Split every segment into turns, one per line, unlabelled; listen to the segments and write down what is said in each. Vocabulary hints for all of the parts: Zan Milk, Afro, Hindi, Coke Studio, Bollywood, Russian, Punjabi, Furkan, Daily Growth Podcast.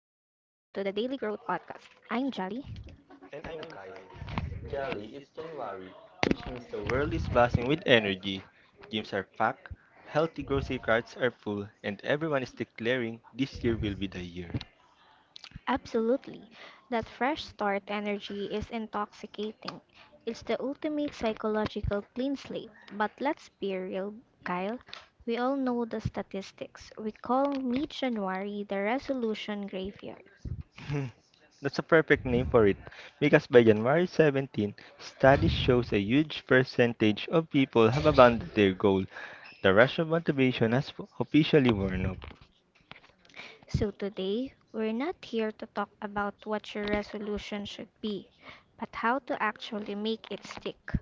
Growth Podcast. I'm Jolly.
And I'm Kyle. Jolly, it's January, which means the world is buzzing with energy. Gyms are packed, healthy grocery carts are full, and everyone is declaring this year will be the year.
Absolutely. That fresh start energy is intoxicating. It's the ultimate psychological clean slate. But let's be real, Kyle. We all know the statistics. We call mid January the resolution graveyard.
That's a perfect name for it, because by January 17, studies shows a huge percentage of people have abandoned their goal. The rush of motivation has officially worn off.
So today, we're not here to talk about what your resolution should be, but how to actually make it stick.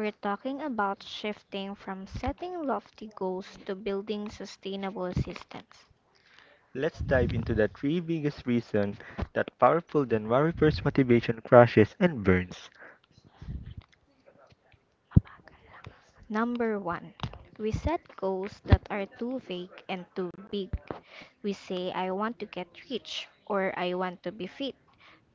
We're talking about shifting from setting lofty goals to building sustainable systems.
Let's dive into the three biggest reasons that powerful January 1st motivation crashes and burns.
Number one, we set goals that are too vague and too big. We say, I want to get rich or I want to be fit.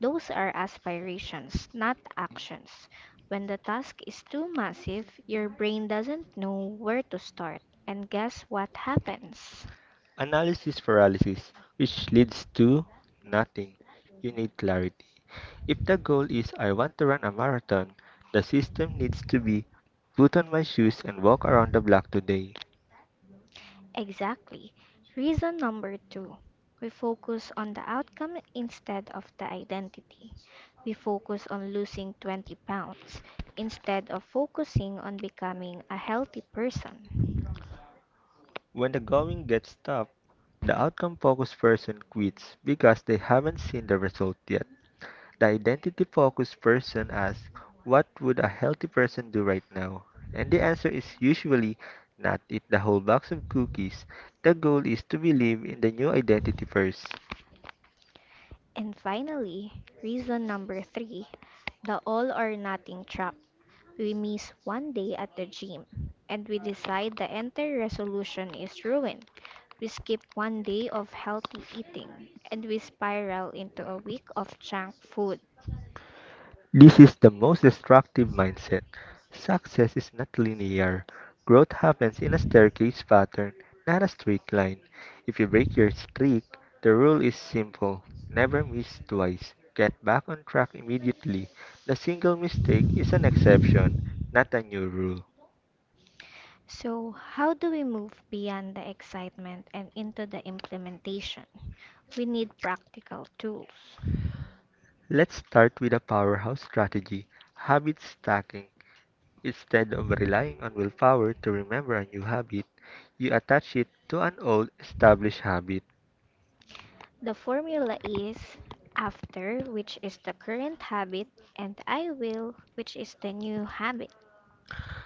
Those are aspirations, not actions. When the task is too massive, your brain doesn't know where to start. And guess what happens?
Analysis paralysis, which leads to nothing. You need clarity. If the goal is I want to run a marathon, the system needs to be put on my shoes and walk around the block today.
Exactly. Reason number two. We focus on the outcome instead of the identity. We focus on losing 20 pounds instead of focusing on becoming a healthy person.
When the going gets tough, the outcome focused person quits because they haven't seen the result yet. The identity focused person asks, what would a healthy person do right now? And the answer is usually not eat the whole box of cookies. The goal is to believe in the new identity first.
And finally, reason number three, the all or nothing trap. We miss one day at the gym and we decide the entire resolution is ruined. We skip one day of healthy eating and we spiral into a week of junk food.
This is the most destructive mindset. Success is not linear. Growth happens in a staircase pattern, not a straight line. If you break your streak, the rule is simple: never miss twice. Get back on track immediately. The single mistake is an exception, not a new rule.
So, how do we move beyond the excitement and into the implementation? We need practical tools.
Let's start with a powerhouse strategy: habit stacking. Instead of relying on willpower to remember a new habit, you attach it to an old established habit.
The formula is after, which is the current habit, and I will, which is the new habit.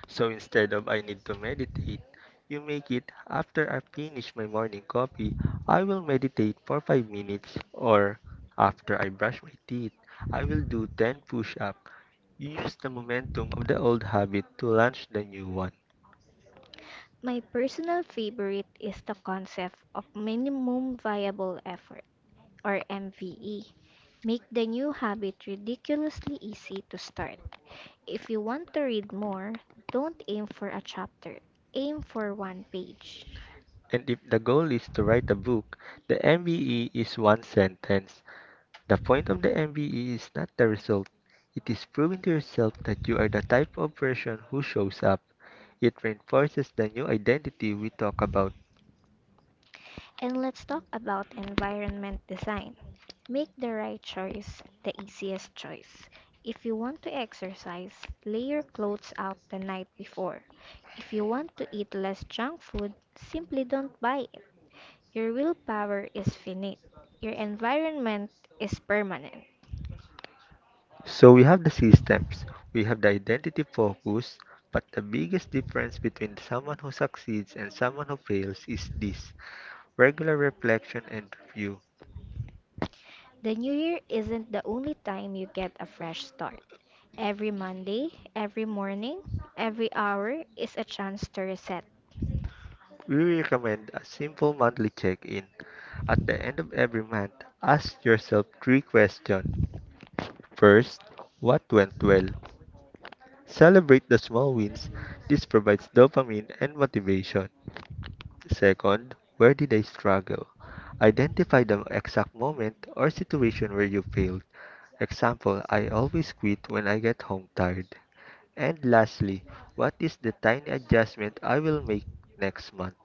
So instead of I need to meditate, you make it after I finish my morning coffee, I will meditate for 5 minutes, or after I brush my teeth, I will do 10 push-ups. You use the momentum of the old habit to launch the new one.
My personal favorite is the concept of minimum viable effort, or MVE. Make the new habit ridiculously easy to start. If you want to read more, don't aim for a chapter, aim for one page.
And if the goal is to write a book, the MBE is one sentence. The point of the MBE is not the result. It is proving to yourself that you are the type of person who shows up. It reinforces the new identity we talk about.
And let's talk about environment design. Make the right choice, the easiest choice. If you want to exercise, lay your clothes out the night before. If you want to eat less junk food, simply don't buy it. Your willpower is finite. Your environment is permanent.
So we have the systems, we have the identity focus, but the biggest difference between someone who succeeds and someone who fails is this regular reflection and review.
The new year isn't the only time you get a fresh start. Every Monday, every morning, every hour is a chance to reset.
We recommend a simple monthly check in. At the end of every month, ask yourself three questions. First, what went well? Celebrate the small wins. This provides dopamine and motivation. Second, where did I struggle? Identify the exact moment or situation where you failed. Example: I always quit when I get home tired. And lastly, what is the tiny adjustment I will make next month?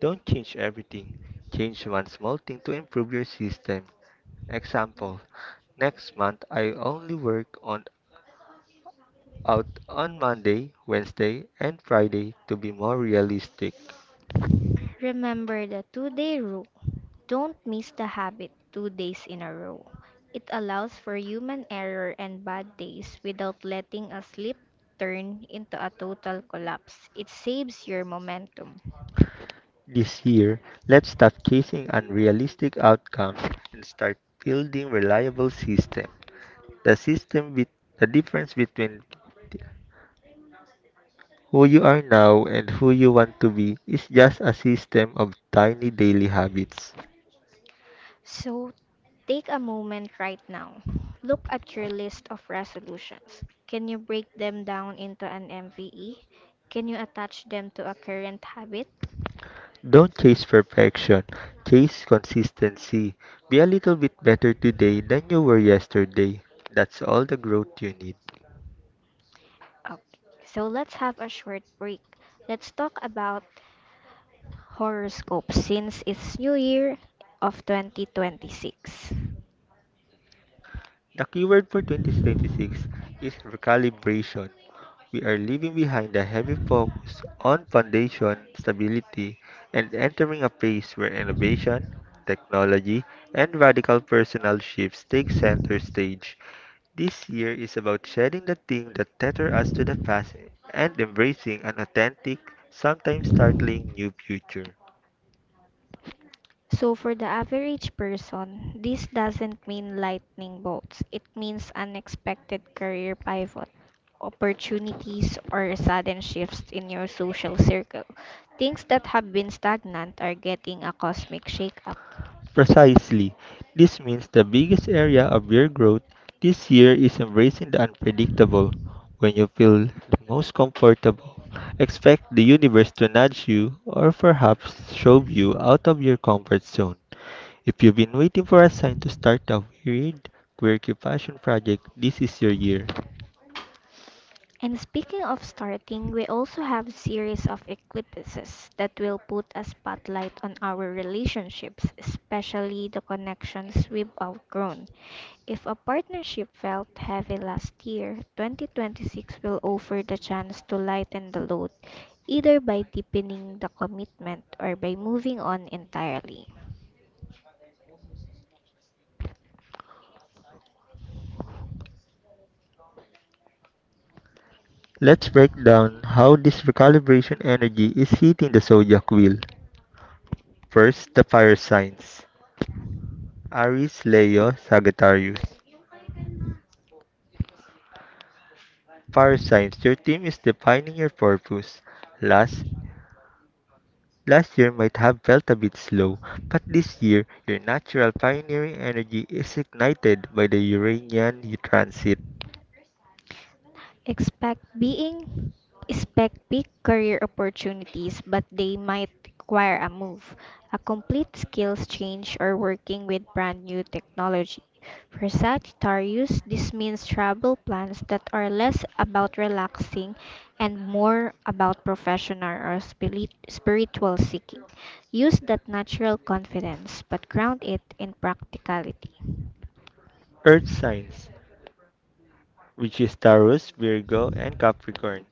Don't change everything. Change one small thing to improve your system. Example: next month I only work on out on Monday, Wednesday, and Friday to be more realistic.
Remember the two-day rule. Don't miss the habit 2 days in a row. It allows for human error and bad days without letting a slip turn into a total collapse. It saves your momentum.
This year, let's stop chasing unrealistic outcomes and start building reliable system. The system with the difference between who you are now and who you want to be is just a system of tiny daily habits.
So take a moment right now. Look at your list of resolutions. Can you break them down into an MVE? Can you attach them to a current habit?
Don't chase perfection, chase consistency. Be a little bit better today than you were yesterday. That's all the growth you need.
Okay, so let's have a short break. Let's talk about horoscope since it's New Year of 2026.
The keyword for 2026 is recalibration. We are leaving behind a heavy focus on foundation stability and entering a phase where innovation, technology, and radical personal shifts take center stage. This year is about shedding the thing that tether us to the past and embracing an authentic, sometimes startling new future.
So, for the average person, this doesn't mean lightning bolts. It means unexpected career pivot, opportunities, or sudden shifts in your social circle. Things that have been stagnant are getting a cosmic shakeup.
Precisely. This means the biggest area of your growth this year is embracing the unpredictable. When you feel the most comfortable, expect the universe to nudge you or perhaps shove you out of your comfort zone. If you've been waiting for a sign to start a weird, quirky passion project, this is your year.
And speaking of starting, we also have series of eclipses that will put a spotlight on our relationships, especially the connections we've outgrown. If a partnership felt heavy last year, 2026 will offer the chance to lighten the load, either by deepening the commitment or by moving on entirely.
Let's break down how this recalibration energy is hitting the zodiac wheel. First, the fire signs: Aries, Leo, Sagittarius. Fire signs, your team is defining your purpose. Last last year might have felt a bit slow, but this year your natural pioneering energy is ignited by the Uranian transit.
expect being Expect big career opportunities, but they might require a move, a complete skills change, or working with brand new technology. For Sagittarius, this means travel plans that are less about relaxing and more about professional or spiritual seeking. Use that natural confidence, but ground it in practicality.
Earth signs, which is Taurus, Virgo, and Capricorn.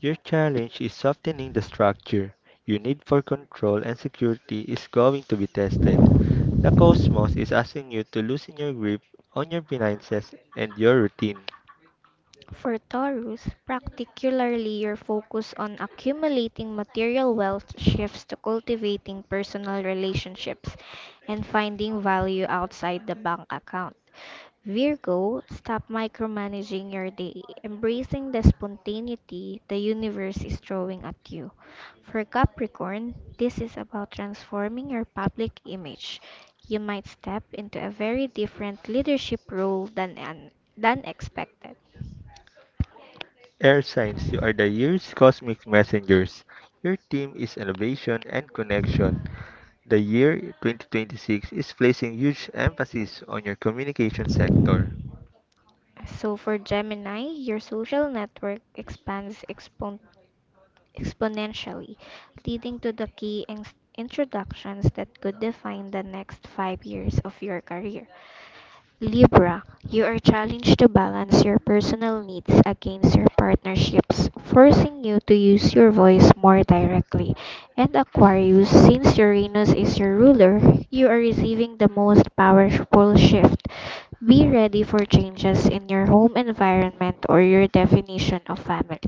Your challenge is softening the structure. Your need for control and security is going to be tested. The cosmos is asking you to loosen your grip on your finances and your routine.
For Taurus, particularly your focus on accumulating material wealth shifts to cultivating personal relationships and finding value outside the bank account. Virgo, stop micromanaging your day, embracing the spontaneity the universe is throwing at you. For Capricorn, this is about transforming your public image. You might step into a very different leadership role than expected.
Air signs, you are the year's cosmic messengers. Your theme is innovation and connection. The year 2026 is placing huge emphasis on your communication sector.
So for Gemini, your social network exponentially, leading to the key introductions that could define the next 5 years of your career. Libra, you are challenged to balance your personal needs against your partnership's, forcing you to use your voice more directly. And Aquarius, since Uranus is your ruler, you are receiving the most powerful shift. Be ready for changes in your home environment or your definition of family.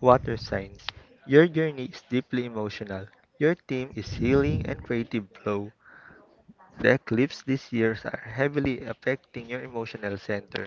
Water signs, your journey is deeply emotional. Your theme is healing and creative flow. The eclipse this year are heavily affecting your emotional center.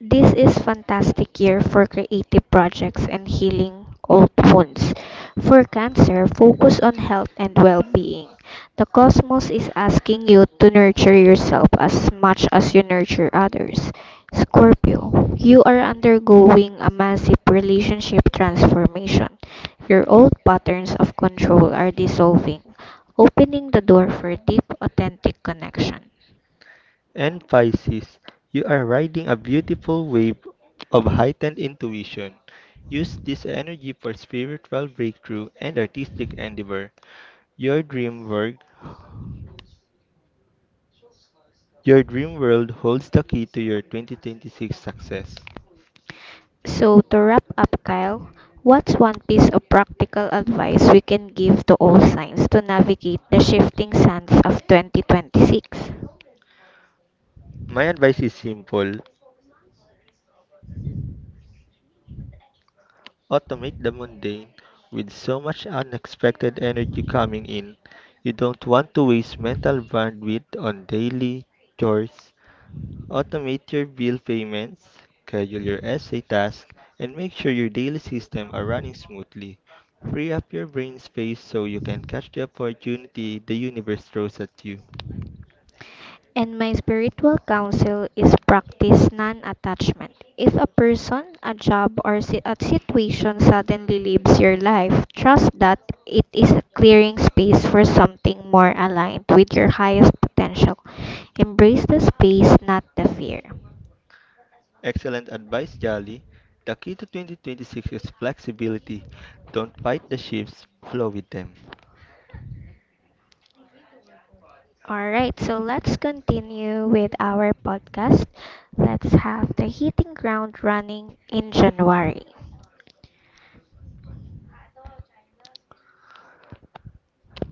This is fantastic year for creative projects and healing old wounds. For Cancer, focus on health and well-being. The cosmos is asking you to nurture yourself as much as you nurture others. Scorpio, you are undergoing a massive relationship transformation. Your old patterns of control are dissolving, opening the door for deep, authentic connection.
And Pisces, you are riding a beautiful wave of heightened intuition. Use this energy for spiritual breakthrough and artistic endeavor. Your dream work, your dream world holds the key to your 2026 success.
So, to wrap up, Kyle, what's one piece of practical advice we can give to all signs to navigate the shifting sands of 2026?
My advice is simple. Automate the mundane. With so much unexpected energy coming in, you don't want to waste mental bandwidth on daily chores. Automate your bill payments, schedule your essay tasks, and make sure your daily system are running smoothly. Free up your brain space so you can catch the opportunity the universe throws at you.
And my spiritual counsel is practice non attachment. If a person, a job, or a situation suddenly leaves your life, trust that it is clearing space for something more aligned with your highest potential. Embrace the space, not the fear.
Excellent advice, Jolly. The key to 2026 is flexibility. Don't fight the shifts, flow with them.
All right, so let's continue with our podcast. Let's have the hitting ground running in January.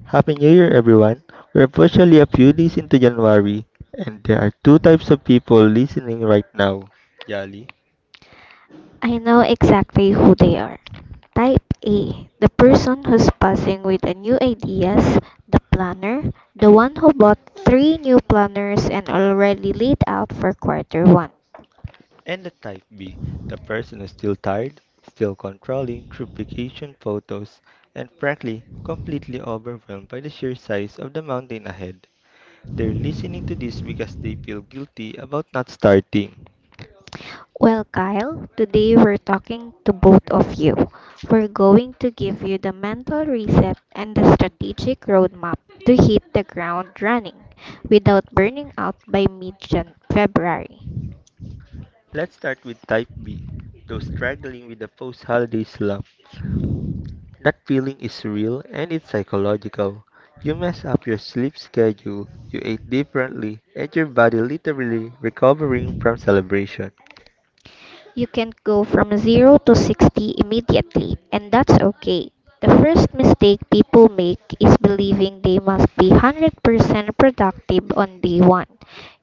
Happy New Year, everyone. We're officially a few days into January, and there are two types of people listening right now, Jolly.
I know exactly who they are. Type A, the person who's buzzing with the new ideas, the planner, the one who bought three new planners and already laid out for quarter one.
And the type B, the person who's still tired, still controlling through vacation photos, and frankly, completely overwhelmed by the sheer size of the mountain ahead. They're listening to this because they feel guilty about not starting.
Well, Kyle, today we're talking to both of you. We're going to give you the mental reset and the strategic roadmap to hit the ground running without burning out by mid February.
Let's start with type B, those struggling with the post holiday slump. That feeling is real and it's psychological. You mess up your sleep schedule, you ate differently, and your body literally recovering from celebration.
You can go from 0 to 60 immediately, and that's okay. The first mistake people make is believing they must be 100% productive on day one.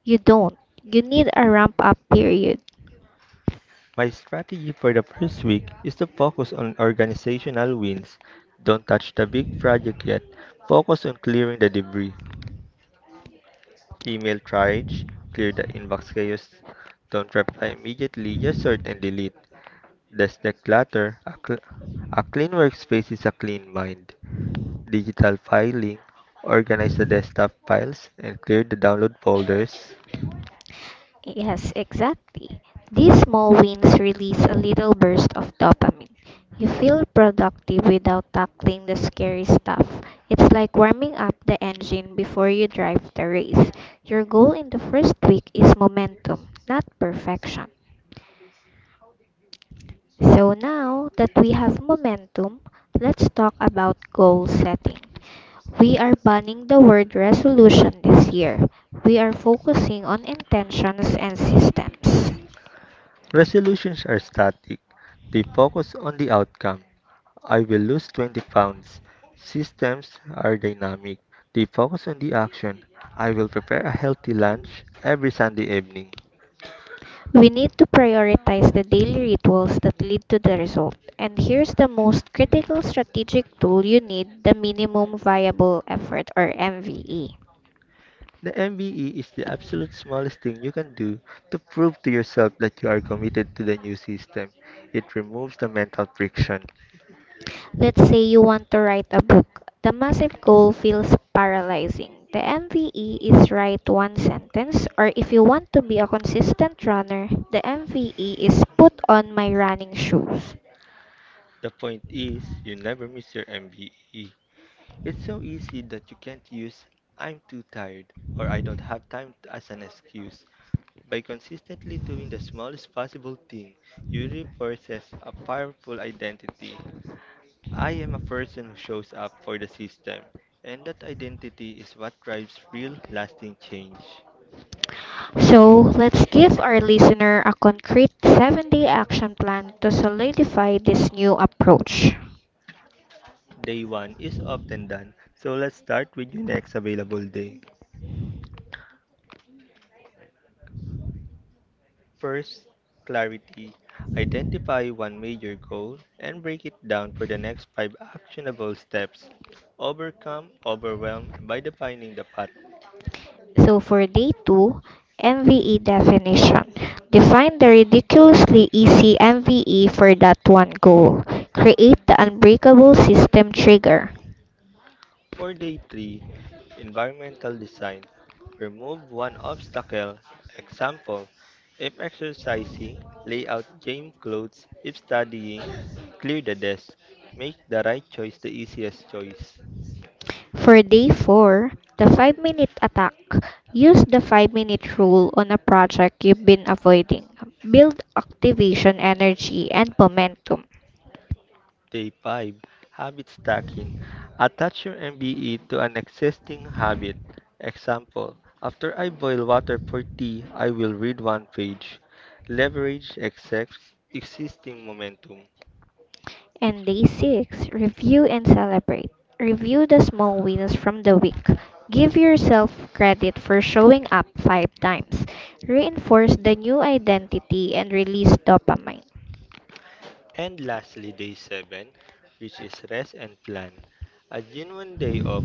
You don't. You need a ramp up period.
My strategy for the first week is to focus on organizational wins. Don't touch the big project yet. Focus on clearing the debris. Email triage, clear the inbox chaos. Don't reply immediately, just sort and delete. That's the clutter. A clean workspace is a clean mind. Digital filing, organize the desktop files and clear the download folders.
Yes, exactly. These small wins release a little burst of dopamine. You feel productive without tackling the scary stuff. It's like warming up the engine before you drive the race. Your goal in the first week is momentum, not perfection. So now that we have momentum, let's talk about goal setting. We are banning the word resolution this year. We are focusing on intentions and systems.
Resolutions are static. They focus on the outcome. I will lose 20 pounds. Systems are dynamic. They focus on the action. I will prepare a healthy lunch every Sunday evening.
We need to prioritize the daily rituals that lead to the result. And here's the most critical strategic tool you need, the minimum viable effort or MVE.
The MBE is the absolute smallest thing you can do to prove to yourself that you are committed to the new system. It removes the mental friction.
Let's say you want to write a book. The massive goal feels paralyzing. The MVE is write one sentence, or if you want to be a consistent runner, the MVE is put on my running shoes.
The point is, you never miss your MBE. It's so easy that you can't use I'm too tired or I don't have as an excuse. By consistently doing the smallest possible thing, you reinforces a powerful identity. I am a person who shows up for the system, and that identity is what drives real lasting change.
So, let's give our listener a concrete seven-day action plan to solidify this new approach.
Day 1 is often done, so let's start with your next available day. First, clarity. Identify one major goal and break it down for the next five actionable steps. Overcome overwhelm by defining the path.
So, for day two, MVE definition. Define the ridiculously easy MVE for that one goal. Create the unbreakable system trigger.
For day three, environmental design. Remove one obstacle. Example: if exercising, lay out gym clothes. If studying, clear the desk. Make the right choice the easiest choice.
For day 4, the 5-minute attack. Use the 5-minute rule on a project you've been avoiding. Build activation energy and momentum.
Day 5, habit stacking. Attach your MBE to an existing habit. Example: after I boil water for tea, I will read one page. Leverage existing momentum.
And day 6, review and celebrate. Review the small wins from the week. Give yourself credit for showing up five times. Reinforce the new identity and release dopamine.
And lastly, Day 7, which is rest and plan. A genuine day off.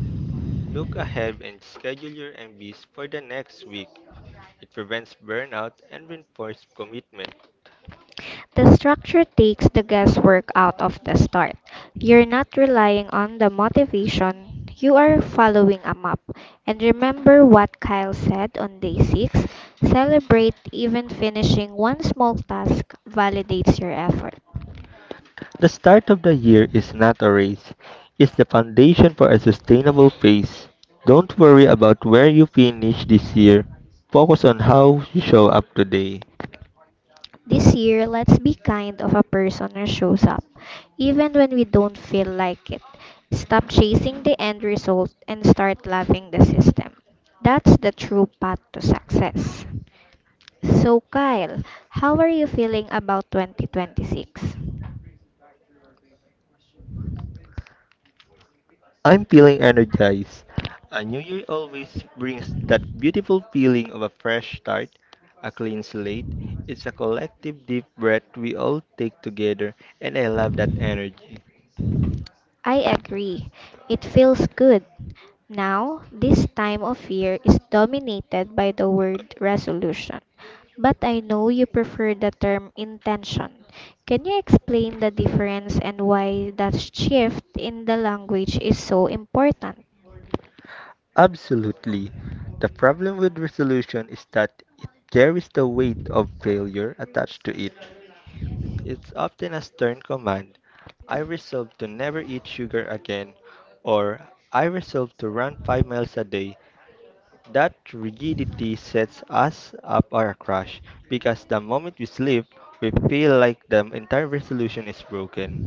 Look ahead and schedule your MBs for the next week. It prevents burnout and reinforces commitment.
The structure takes the guesswork out of the start. You're not relying on the motivation, you are following a map. And remember what Kyle said on day 6, celebrate even finishing one small task validates your effort.
The start of the year is not a race. It's the foundation for a sustainable pace. Don't worry about where you finish this year. Focus on how you show up today.
This year, let's be kind of a person who shows up, even when we don't feel like it. Stop chasing the end result and start loving the system. That's the true path to success. So, Kyle, how are you feeling about 2026?
I'm feeling energized. A new year always brings that beautiful feeling of a fresh start, a clean slate. It's a collective deep breath we all take together, and I love that energy.
I agree. It feels good. Now, this time of year is dominated by the word resolution, but I know you prefer the term intention. Can you explain the difference and why that shift in the language is so important?
Absolutely. The problem with resolution is that it carries the weight of failure attached to it. It's often a stern command. I resolve to never eat sugar again, or I resolve to run 5 miles a day. That rigidity sets us up our crash because the moment we slip, we feel like the entire resolution is broken.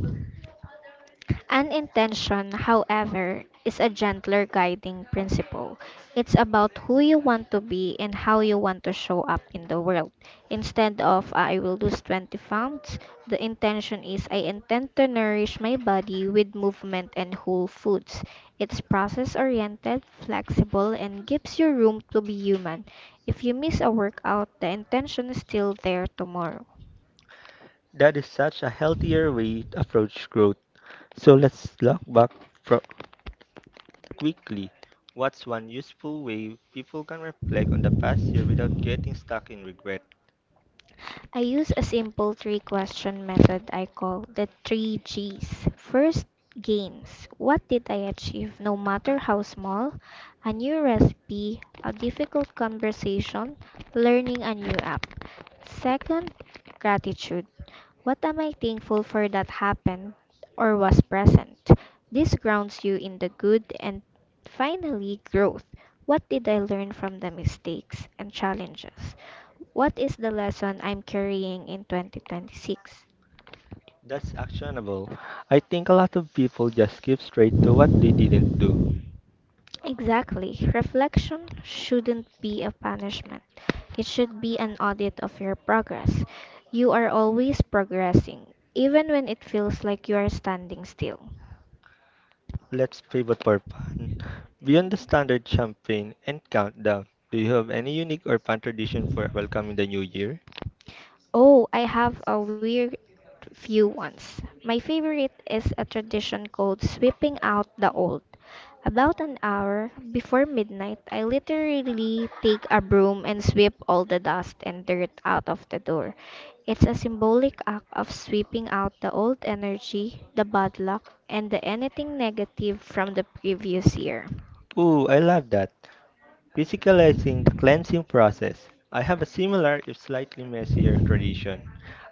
An intention, however, is a gentler guiding principle. It's about who you want to be and how you want to show up in the world. Instead of I will lose 20 pounds, the intention is I intend to nourish my body with movement and whole foods. It's process oriented, flexible, and gives you room to be human. If you miss a workout, the intention is still there tomorrow.
That is such a healthier way to approach growth. So let's look back fro- quickly, what's one useful way people can reflect on the past year without getting stuck in regret?
I use a simple three question method I call the three G's. First, gains. What did I achieve, no matter how small? A new recipe, a difficult conversation, learning a new app. Second, gratitude. What am I thankful for that happened or was present? This grounds you in the good and finally growth. What did I learn from the mistakes and challenges? What is the lesson I'm carrying in 2026?
That's actionable. I think a lot of people just skip straight to what they didn't do.
Exactly. Reflection shouldn't be a punishment. It should be an audit of your progress. You are always progressing, even when it feels like you are standing still.
Let's pivot for fun. Beyond the standard champagne and countdown, do you have any unique or fun tradition for welcoming the new year?
Oh, I have a weird few ones. My favorite is a tradition called sweeping out the old. About an hour before midnight, I literally take a broom and sweep all the dust and dirt out of the door. It's a symbolic act of sweeping out the old energy, the bad luck, and the anything negative from the previous year.
Ooh, I love that. Physicalizing the cleansing process. I have a similar, if slightly messier, tradition.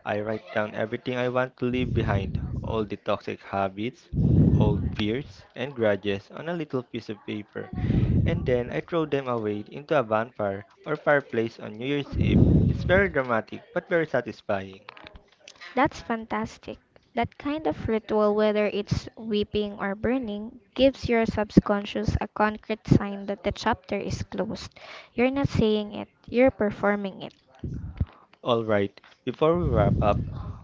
I write down everything I want to leave behind, all the toxic habits, old fears, and grudges on a little piece of paper, and then I throw them away into a bonfire or fireplace on New Year's Eve. It's very dramatic but very satisfying.
That's fantastic. That kind of ritual, whether it's weeping or burning, gives your subconscious a concrete sign that the chapter is closed. You're not saying it, you're performing it.
Alright, before we wrap up,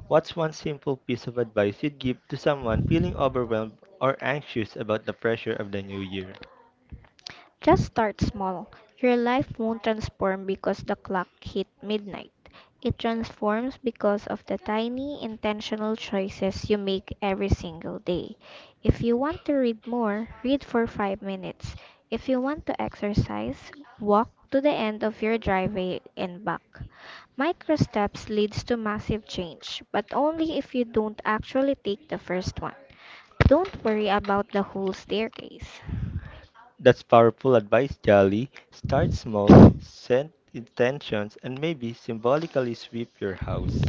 what's one simple piece of advice you'd give to someone feeling overwhelmed or anxious about the pressure of the new year?
Just start small. Your life won't transform because the clock hit midnight. It transforms because of the tiny intentional choices you make every single day. If you want to read more, read for 5 minutes. If you want to exercise, walk to the end of your driveway and back. Micro steps leads to massive change, but only if you don't actually take the first one. Don't worry about the whole staircase.
That's powerful advice, Jolly. Start small, set intentions, and maybe symbolically sweep your house.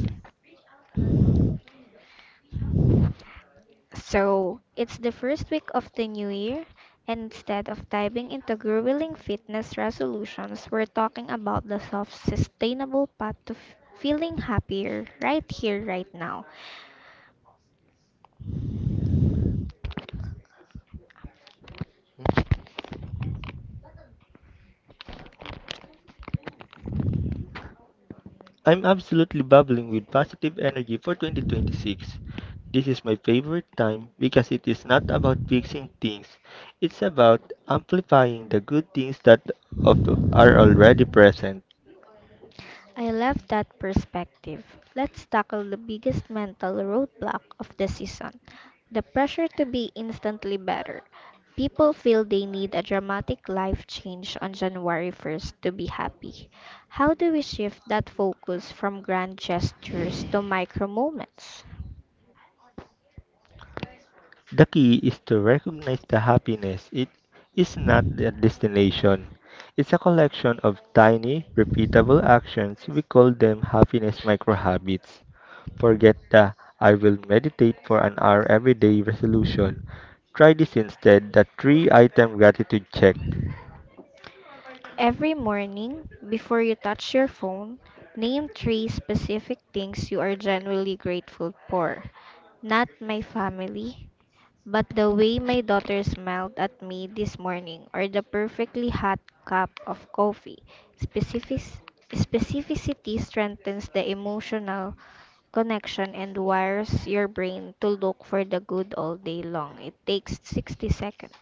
So, it's the first week of the new year, and instead of diving into grueling fitness resolutions, we're talking about the soft, sustainable path to feeling happier right here, right now.
I'm absolutely bubbling with positive energy for 2026. This is my favorite time because it is not about fixing things. It's about amplifying the good things that of, are already present.
I love that perspective. Let's tackle the biggest mental roadblock of the season, the pressure to be instantly better. People feel they need a dramatic life change on January 1st to be happy. How do we shift that focus from grand gestures to micro moments?
The key is to recognize the happiness. It is not a destination. It's a collection of tiny, repeatable actions. We call them happiness microhabits. Forget the I will meditate for an hour every day resolution. Try this instead, the three item gratitude check.
Every morning, before you touch your phone, name three specific things you are genuinely grateful for. Not my family, but the way my daughter smiled at me this morning, or the perfectly hot cup of coffee. specific Specificity strengthens the emotional connection and wires your brain to look for the good all day long. It takes 60 seconds.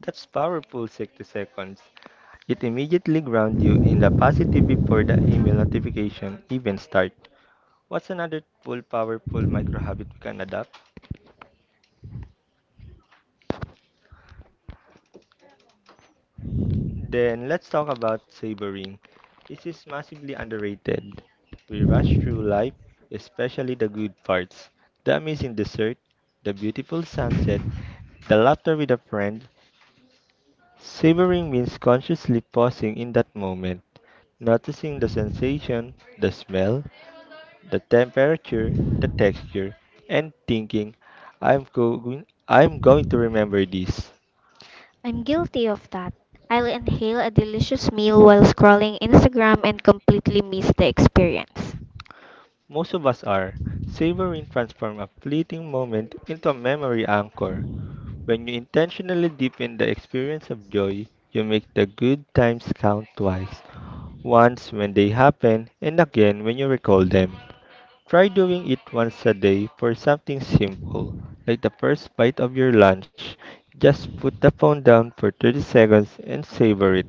That's powerful 60 seconds. It immediately grounds you in the positive before the email notification even starts. What's another full powerful microhabit we can adopt? Then let's talk about savoring. This is massively underrated. We rush through life, especially the good parts. The amazing dessert, the beautiful sunset, the laughter with a friend. Savoring means consciously pausing in that moment, noticing the sensation, the smell, the temperature, the texture, and thinking, I'm, go- I'm going to remember this.
I'm guilty of that. I'll inhale a delicious meal while scrolling Instagram and completely miss the experience.
Most of us are. Savoring transforms a fleeting moment into a memory anchor. When you intentionally deepen the experience of joy, you make the good times count twice. Once when they happen, and again when you recall them. Try doing it once a day for something simple, like the first bite of your lunch. Just put the phone down for 30 seconds and savor it.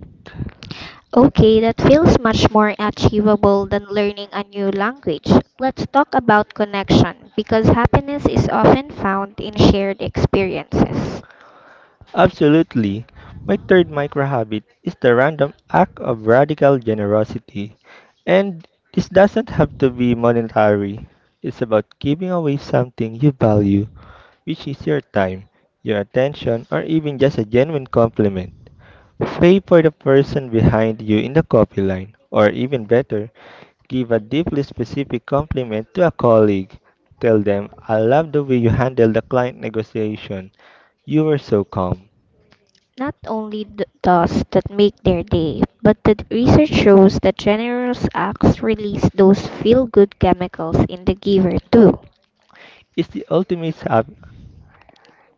Okay, that feels much more achievable than learning a new language. Let's talk about connection because happiness is often found in shared experiences.
Absolutely. My third micro habit is the random act of radical generosity. And this doesn't have to be monetary. It's about giving away something you value, which is your time, your attention, or even just a genuine compliment. Pay for the person behind you in the coffee line, or even better, give a deeply specific compliment to a colleague. Tell them, I love the way you handled the client negotiation. You were so calm.
Not only those that make their day, but the research shows that generous acts release those feel good chemicals in the giver too.
It's the ultimate hap-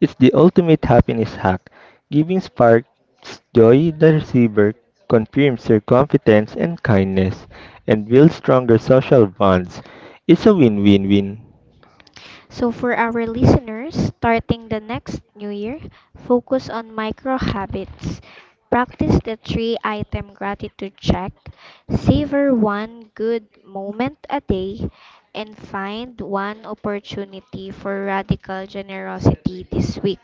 it's the ultimate happiness hack. Giving sparks joy the receiver, confirms your competence and kindness, and builds stronger social bonds. It's a win-win-win.
So, for our listeners, starting the next new year, focus on micro habits. Practice the three item gratitude check, savor one good moment a day, and find one opportunity for radical generosity this week.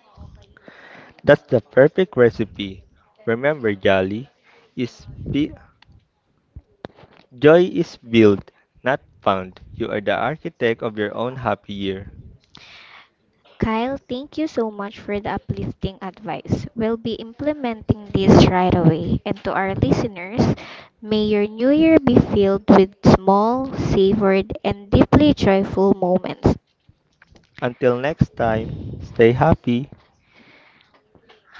That's the perfect recipe. Remember, Jolly, is be- joy is built, not found. You are the architect of your own happy year.
Kyle, thank you so much for the uplifting advice. We'll be implementing this right away. And to our listeners, may your new year be filled with small, savored, and deeply joyful moments.
Until next time, stay happy.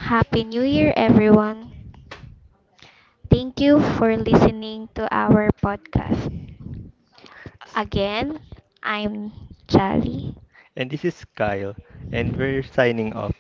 Happy New Year, everyone! Thank you for listening to our podcast. Again, I'm Jolly.
And this is Kyle, and we're signing off.